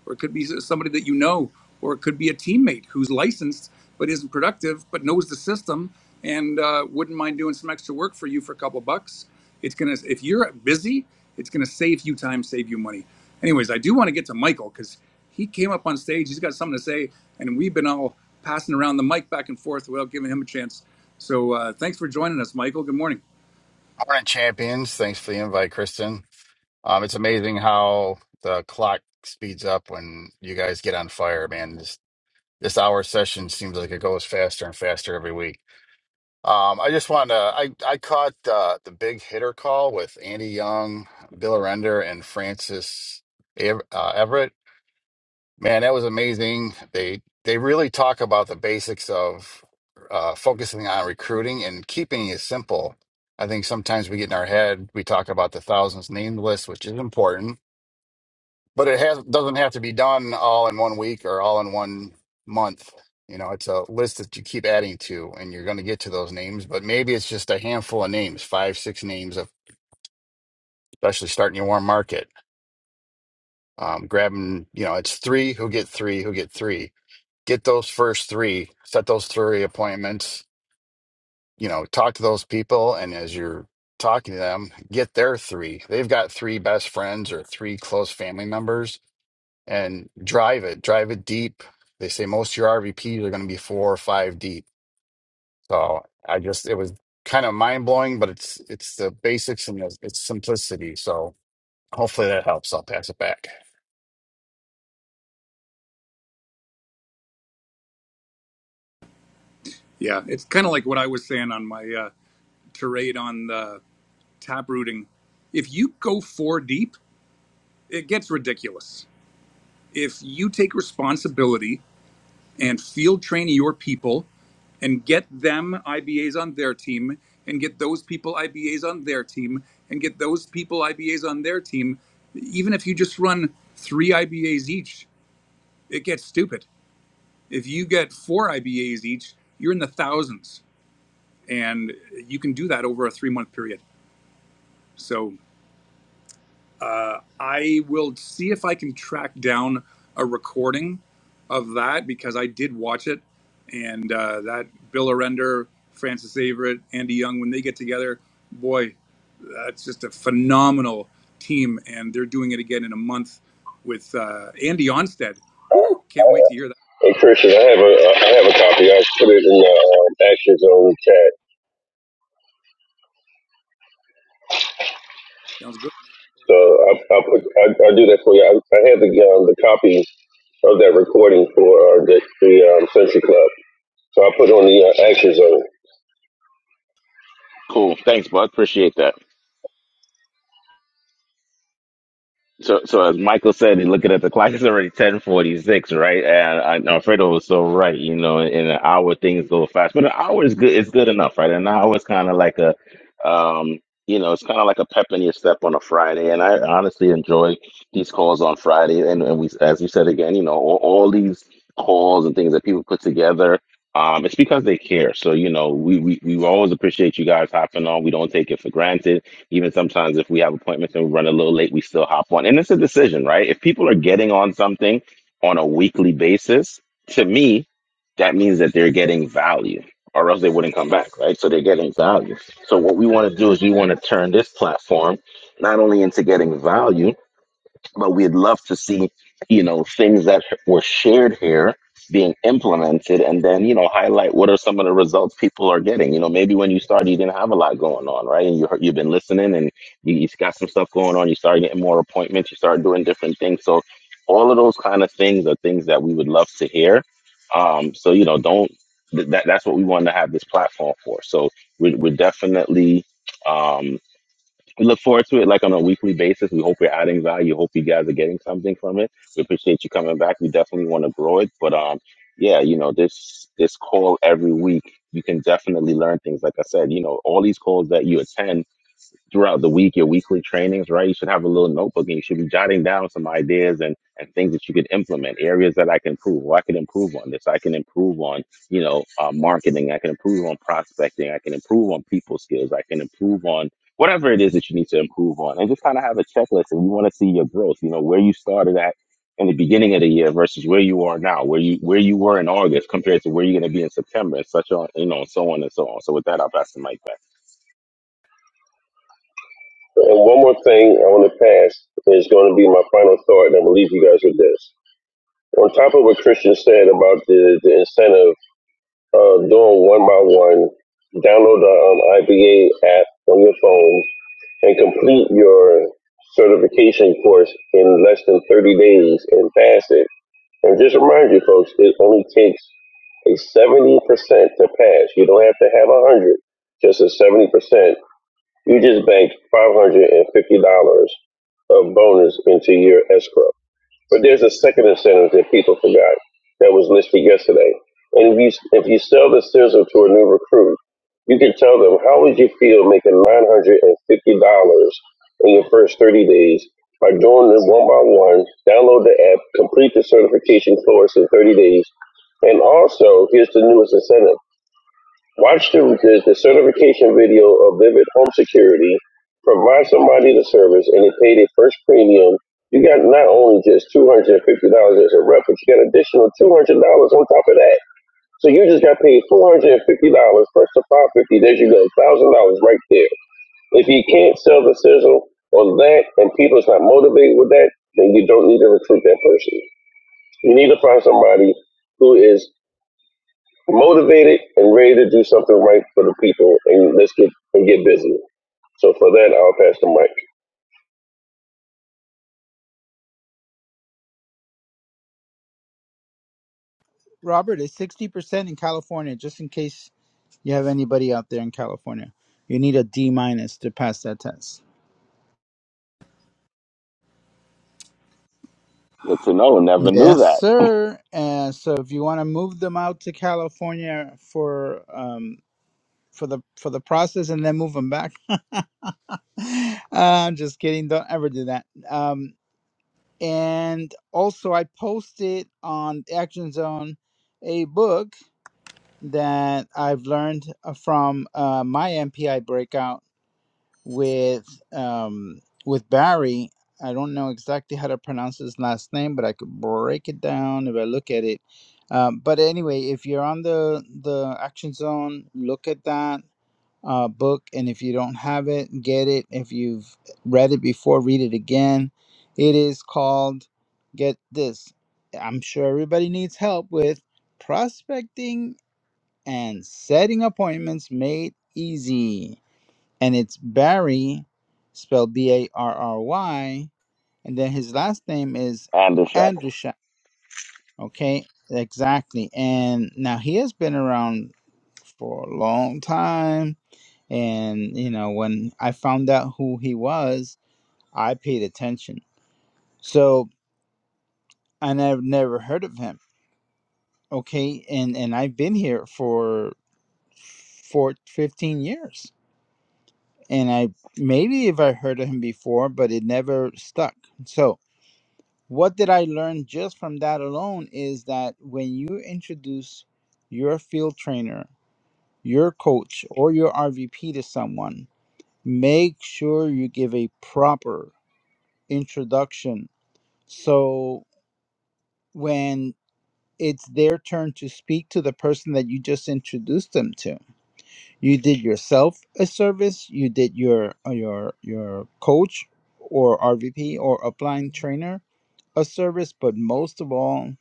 [SPEAKER 1] or it could be somebody that you know, or it could be a teammate who's licensed but isn't productive but knows the system and uh, wouldn't mind doing some extra work for you for a couple bucks. It's gonna if you're busy, it's gonna save you time, save you money. Anyways, I do want to get to Michael because he came up on stage. He's got something to say, and we've been all passing around the mic back and forth without giving him a chance. So uh, thanks for joining us, Michael. Good morning.
[SPEAKER 5] Morning, champions. Thanks for the invite, Kristen. Um, it's amazing how the clock speeds up when you guys get on fire, man. This this hour session seems like it goes faster and faster every week. Um, I just wanted to, I, I caught uh, the big hitter call with Andy Young, Bill Arender, and Francis Ev- uh, Everett. Man, that was amazing. They they really talk about the basics of uh, focusing on recruiting and keeping it simple. I think sometimes we get in our head, we talk about the thousands named list, which is important, but it has doesn't have to be done all in one week or all in one month. You know, it's a list that you keep adding to, and you're going to get to those names, but maybe it's just a handful of names, five, six names, of, especially starting your warm market. Um, grabbing, you know, it's three who get three who get three get those first three, set those three appointments, you know, talk to those people. And as you're talking to them, get their three. They've got three best friends or three close family members and drive it, drive it deep. They say most of your RVPs are going to be four or five deep. So I just, it was kind of mind blowing, but it's, it's the basics and it's it's simplicity. So hopefully that helps. I'll pass it back.
[SPEAKER 1] Yeah, it's kind of like what I was saying on my uh, tirade on the tap rooting. If you go four deep, it gets ridiculous. If you take responsibility and field train your people and get them IBAs on their team and get those people IBAs on their team and get those people IBAs on their team, even if you just run three IBAs each, it gets stupid. If you get four IBAs each, you're in the thousands and you can do that over a three month period. So uh, I will see if I can track down a recording of that because I did watch it, and uh, that Bill Arender, Francis Averett, Andy Young, when they get together, boy, that's just a phenomenal team, and they're doing it again in a month with uh, Andy Onstead. Woo! Can't wait to hear that.
[SPEAKER 4] Hey Christian, I have a I have a copy. I put it in the uh, action zone chat.
[SPEAKER 1] Sounds good. man.
[SPEAKER 4] So I I put I, I do that for you. I, I have the um, the copy of that recording for uh, the the um, Century Club. So I put on the uh, action zone.
[SPEAKER 3] Cool. Thanks, bud. Appreciate that. So, so as Michael said, he looking at the clock, it's already ten forty six, right? And, and Alfredo was so right. You know, in an hour things go fast, but an hour is good. It's good enough, right? An hour is kind of like a, um, you know, it's kind of like a pep in your step on a Friday. And I honestly enjoy these calls on Friday. And, and we, as we said again, you know, all, all these calls and things that people put together. Um, it's because they care. So, you know, we, we, we always appreciate you guys hopping on. We don't take it for granted even sometimes if we have appointments and we run a little late, we still hop on. And it's a decision, right? If people are getting on something on a weekly basis, to me, that means that they're getting value or else they wouldn't come back, right? So they're getting value. So what we want to do is we want to turn this platform not only into getting value, but we'd love to see you know things that were shared here being implemented and then you know highlight what are some of the results people are getting you know maybe when you started you didn't have a lot going on right and you heard, you've been listening and you, you got some stuff going on you started getting more appointments you started doing different things so all of those kind of things are things that we would love to hear um so you know don't th- that that's what we wanted to have this platform for so we, are we're definitely um, we look forward to it like on a weekly basis. We hope we're adding value. Hope you guys are getting something from it. We appreciate you coming back. We definitely want to grow it. But um, yeah, you know, this this call every week, you can definitely learn things. Like I said, you know, all these calls that you attend throughout the week, your weekly trainings, right? You should have a little notebook and you should be jotting down some ideas and, and things that you could implement, areas that I can improve, or I can improve on this, I can improve on, you know, uh, marketing, I can improve on prospecting, I can improve on people skills, I can improve on whatever it is that you need to improve on. And just kind of have a checklist and you want to see your growth, you know, where you started at in the beginning of the year versus where you are now, where you where you were in August compared to where you're gonna be in September and such on, you know, and so on and so on. So with that I'll pass the mic back.
[SPEAKER 4] And one more thing I want to pass is going to be my final thought, and I'm going to leave you guys with this. On top of what Christian said about the, the incentive of doing one by one, download the um, IBA app on your phone and complete your certification course in less than 30 days and pass it. And just remind you, folks, it only takes a 70% to pass. You don't have to have a 100, just a 70%. You just banked five hundred and fifty dollars of bonus into your escrow. But there's a second incentive that people forgot that was listed yesterday. And if you if you sell the sizzle to a new recruit, you can tell them how would you feel making nine hundred and fifty dollars in your first thirty days by doing it one by one, download the app, complete the certification course in thirty days, and also here's the newest incentive. Watch the, the, the certification video of Vivid Home Security. Provide somebody the service and they pay their first premium. You got not only just $250 as a rep, but you got additional $200 on top of that. So you just got paid $450 first to 550 There you go, $1,000 right there. If you can't sell the sizzle on that and people's not motivated with that, then you don't need to recruit that person. You need to find somebody who is motivated and ready to do something right for the people, and let's get and get busy. So for that, I'll pass the mic.
[SPEAKER 2] Robert, it's 60% in California, just in case you have anybody out there in California. You need a D minus to pass that test.
[SPEAKER 3] Good to know, never knew
[SPEAKER 2] Yes,
[SPEAKER 3] that.
[SPEAKER 2] sir. And so if you want to move them out to California for um for the for the process and then move them back. Uh, I'm just kidding. Don't ever do that. Um. and also I posted on Action Zone a book that I've learned uh, from uh, my MPI breakout with um, with Barry. I don't know exactly how to pronounce his last name, but I could break it down if I look at it. Um, but anyway, if you're on the the Action Zone, look at that uh, book. And if you don't have it, get it. If you've read it before, read it again. It is called, get this, I'm sure everybody needs help with prospecting and setting appointments made easy. And it's Barry, spelled B A R R Y. And then his last name is
[SPEAKER 3] and the Shack.
[SPEAKER 2] Andrusha. Okay, exactly. And now he has been around for a long time and, you know, when I found out who he was, I paid attention. So, and I've never heard of him. Okay. And, and I've been here for, for 15 years. And I, maybe if I heard of him before, but it never stuck. So, what did I learn just from that alone is that when you introduce your field trainer, your coach, or your RVP to someone, make sure you give a proper introduction So when it's their turn to speak to the person that you just introduced them to, you did yourself a service. You did your uh, your your coach or RVP or upline trainer a service, but most of all,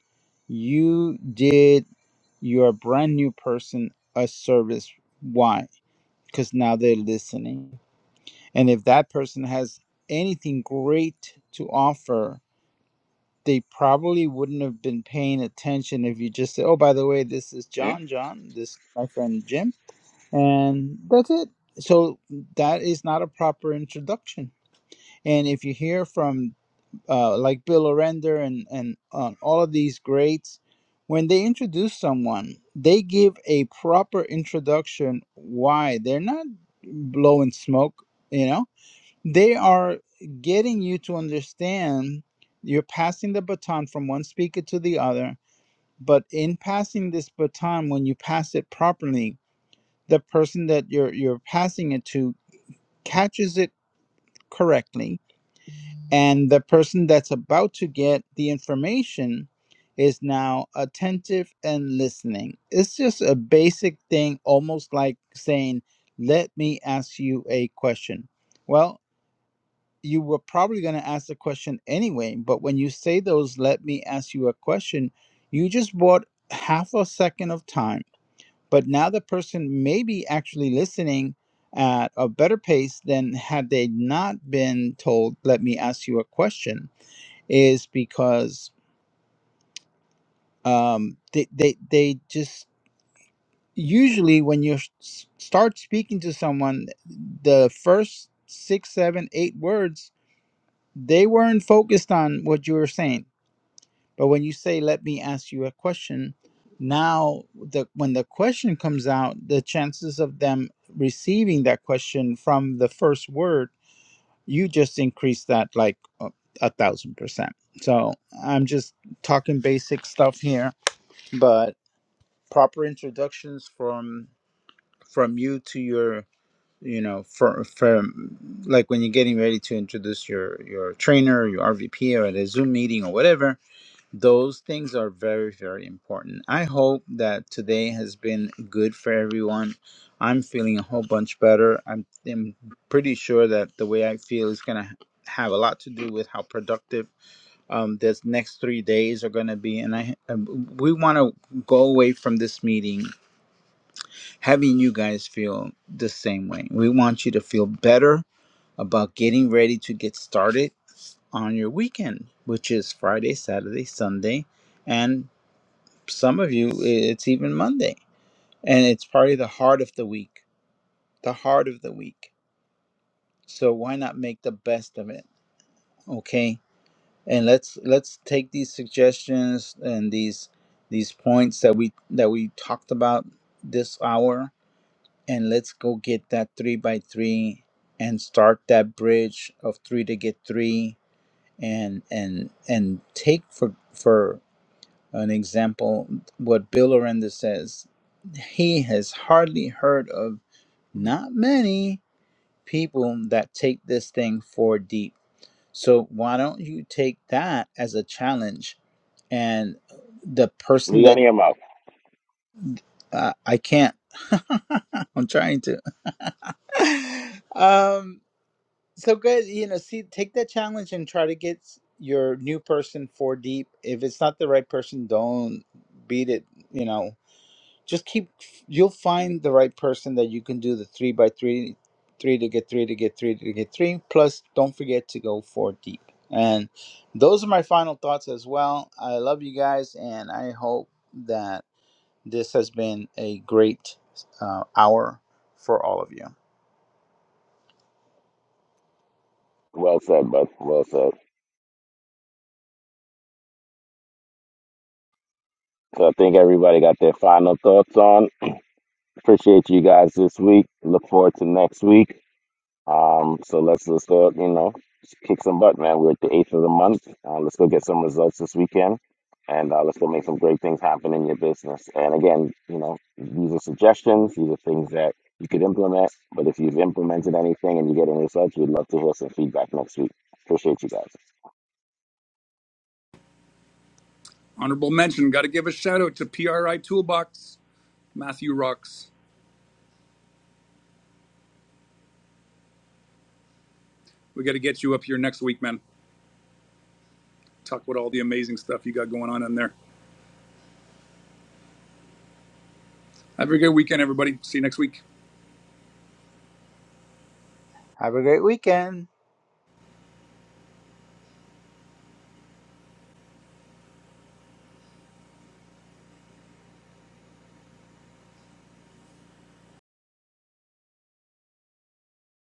[SPEAKER 2] you did your brand new person a service. Why? Because now they're listening, and if that person has anything great to offer they probably wouldn't have been paying attention if you just said, "Oh, by the way, this is
[SPEAKER 3] Hmm?
[SPEAKER 2] John. John, this is my friend Jim," and that's it. So that is not a proper introduction. And if you hear from uh, like Bill O'Render and and uh, all of these greats, when they introduce someone, they give a proper introduction. Why they're not blowing smoke, you know they are getting you to understand you're passing the baton from one speaker to the other but in passing this baton when you pass it properly the person that you're you're passing it to catches it correctly and the person that's about to get the information is now attentive and listening it's just a basic thing almost like saying let me ask you a question well you were probably going to ask the question anyway. But when you say those, let me ask you a question, you just bought half a second of time. But now the person may be actually listening at a better pace than had they not been told, let me ask you a question, is because um, they, they, they just usually when you s- start speaking to someone, the first six, seven, eight words, they weren't focused on what you were saying But when you say, "Let me ask you a question," now the when the question comes out, the chances of them receiving that question from the first word, you just increase that like a, a thousand percent. So I'm just talking basic stuff here, but proper introductions from from you to your you know from from like when you're getting ready to introduce your your trainer your rvp or at a zoom meeting or whatever those things are very very important i hope that today has been good for everyone i'm feeling a whole bunch better i'm, I'm pretty sure that the way i feel is going to have a lot to do with how productive um, this next three days are going to be and i um, we want to go away from this meeting having you guys feel the same way we want you to feel better about getting ready to get started on your weekend which is friday saturday sunday and some of you it's even monday and it's probably the heart of the week the heart of the week so why not make the best of it okay and let's let's take these suggestions and these these points that we that we talked about this hour and let's go get that three by three and start that bridge of three to get three and and and take for for An example, what Bill Aranda says, he has hardly heard of not many people that take this thing for deep. So why don't you take that as a challenge? And the person
[SPEAKER 3] We on
[SPEAKER 2] that
[SPEAKER 3] your mouth.
[SPEAKER 2] uh, I can't, I'm trying to. um, so good, you know. See, take that challenge and try to get your new person for deep. If it's not the right person, don't beat it. You know, just keep you'll find the right person that you can do the three by three three to get three to get three to get three plus don't forget to go four deep and those are my final thoughts as well i love you guys and i hope that this has been a great uh, hour for all of you
[SPEAKER 3] Well said, bud. Well said. So I think everybody got their final thoughts on. Appreciate you guys this week. Look forward to next week. Um, so let's let's go, you know, kick some butt, man. We're at the eighth of the month. Uh, let's go get some results this weekend, and uh, let's go make some great things happen in your business. And again, you know, these are suggestions. These are things that you could implement. But if you've implemented anything and you're getting results, we'd love to hear some feedback next week. Appreciate you guys.
[SPEAKER 1] Honorable mention. Got to give a shout out to PRI Toolbox, Matthew Rocks. We got to get you up here next week, man. talk about all the amazing stuff you got going on in there. Have a good weekend, everybody. See you next week.
[SPEAKER 2] have a great weekend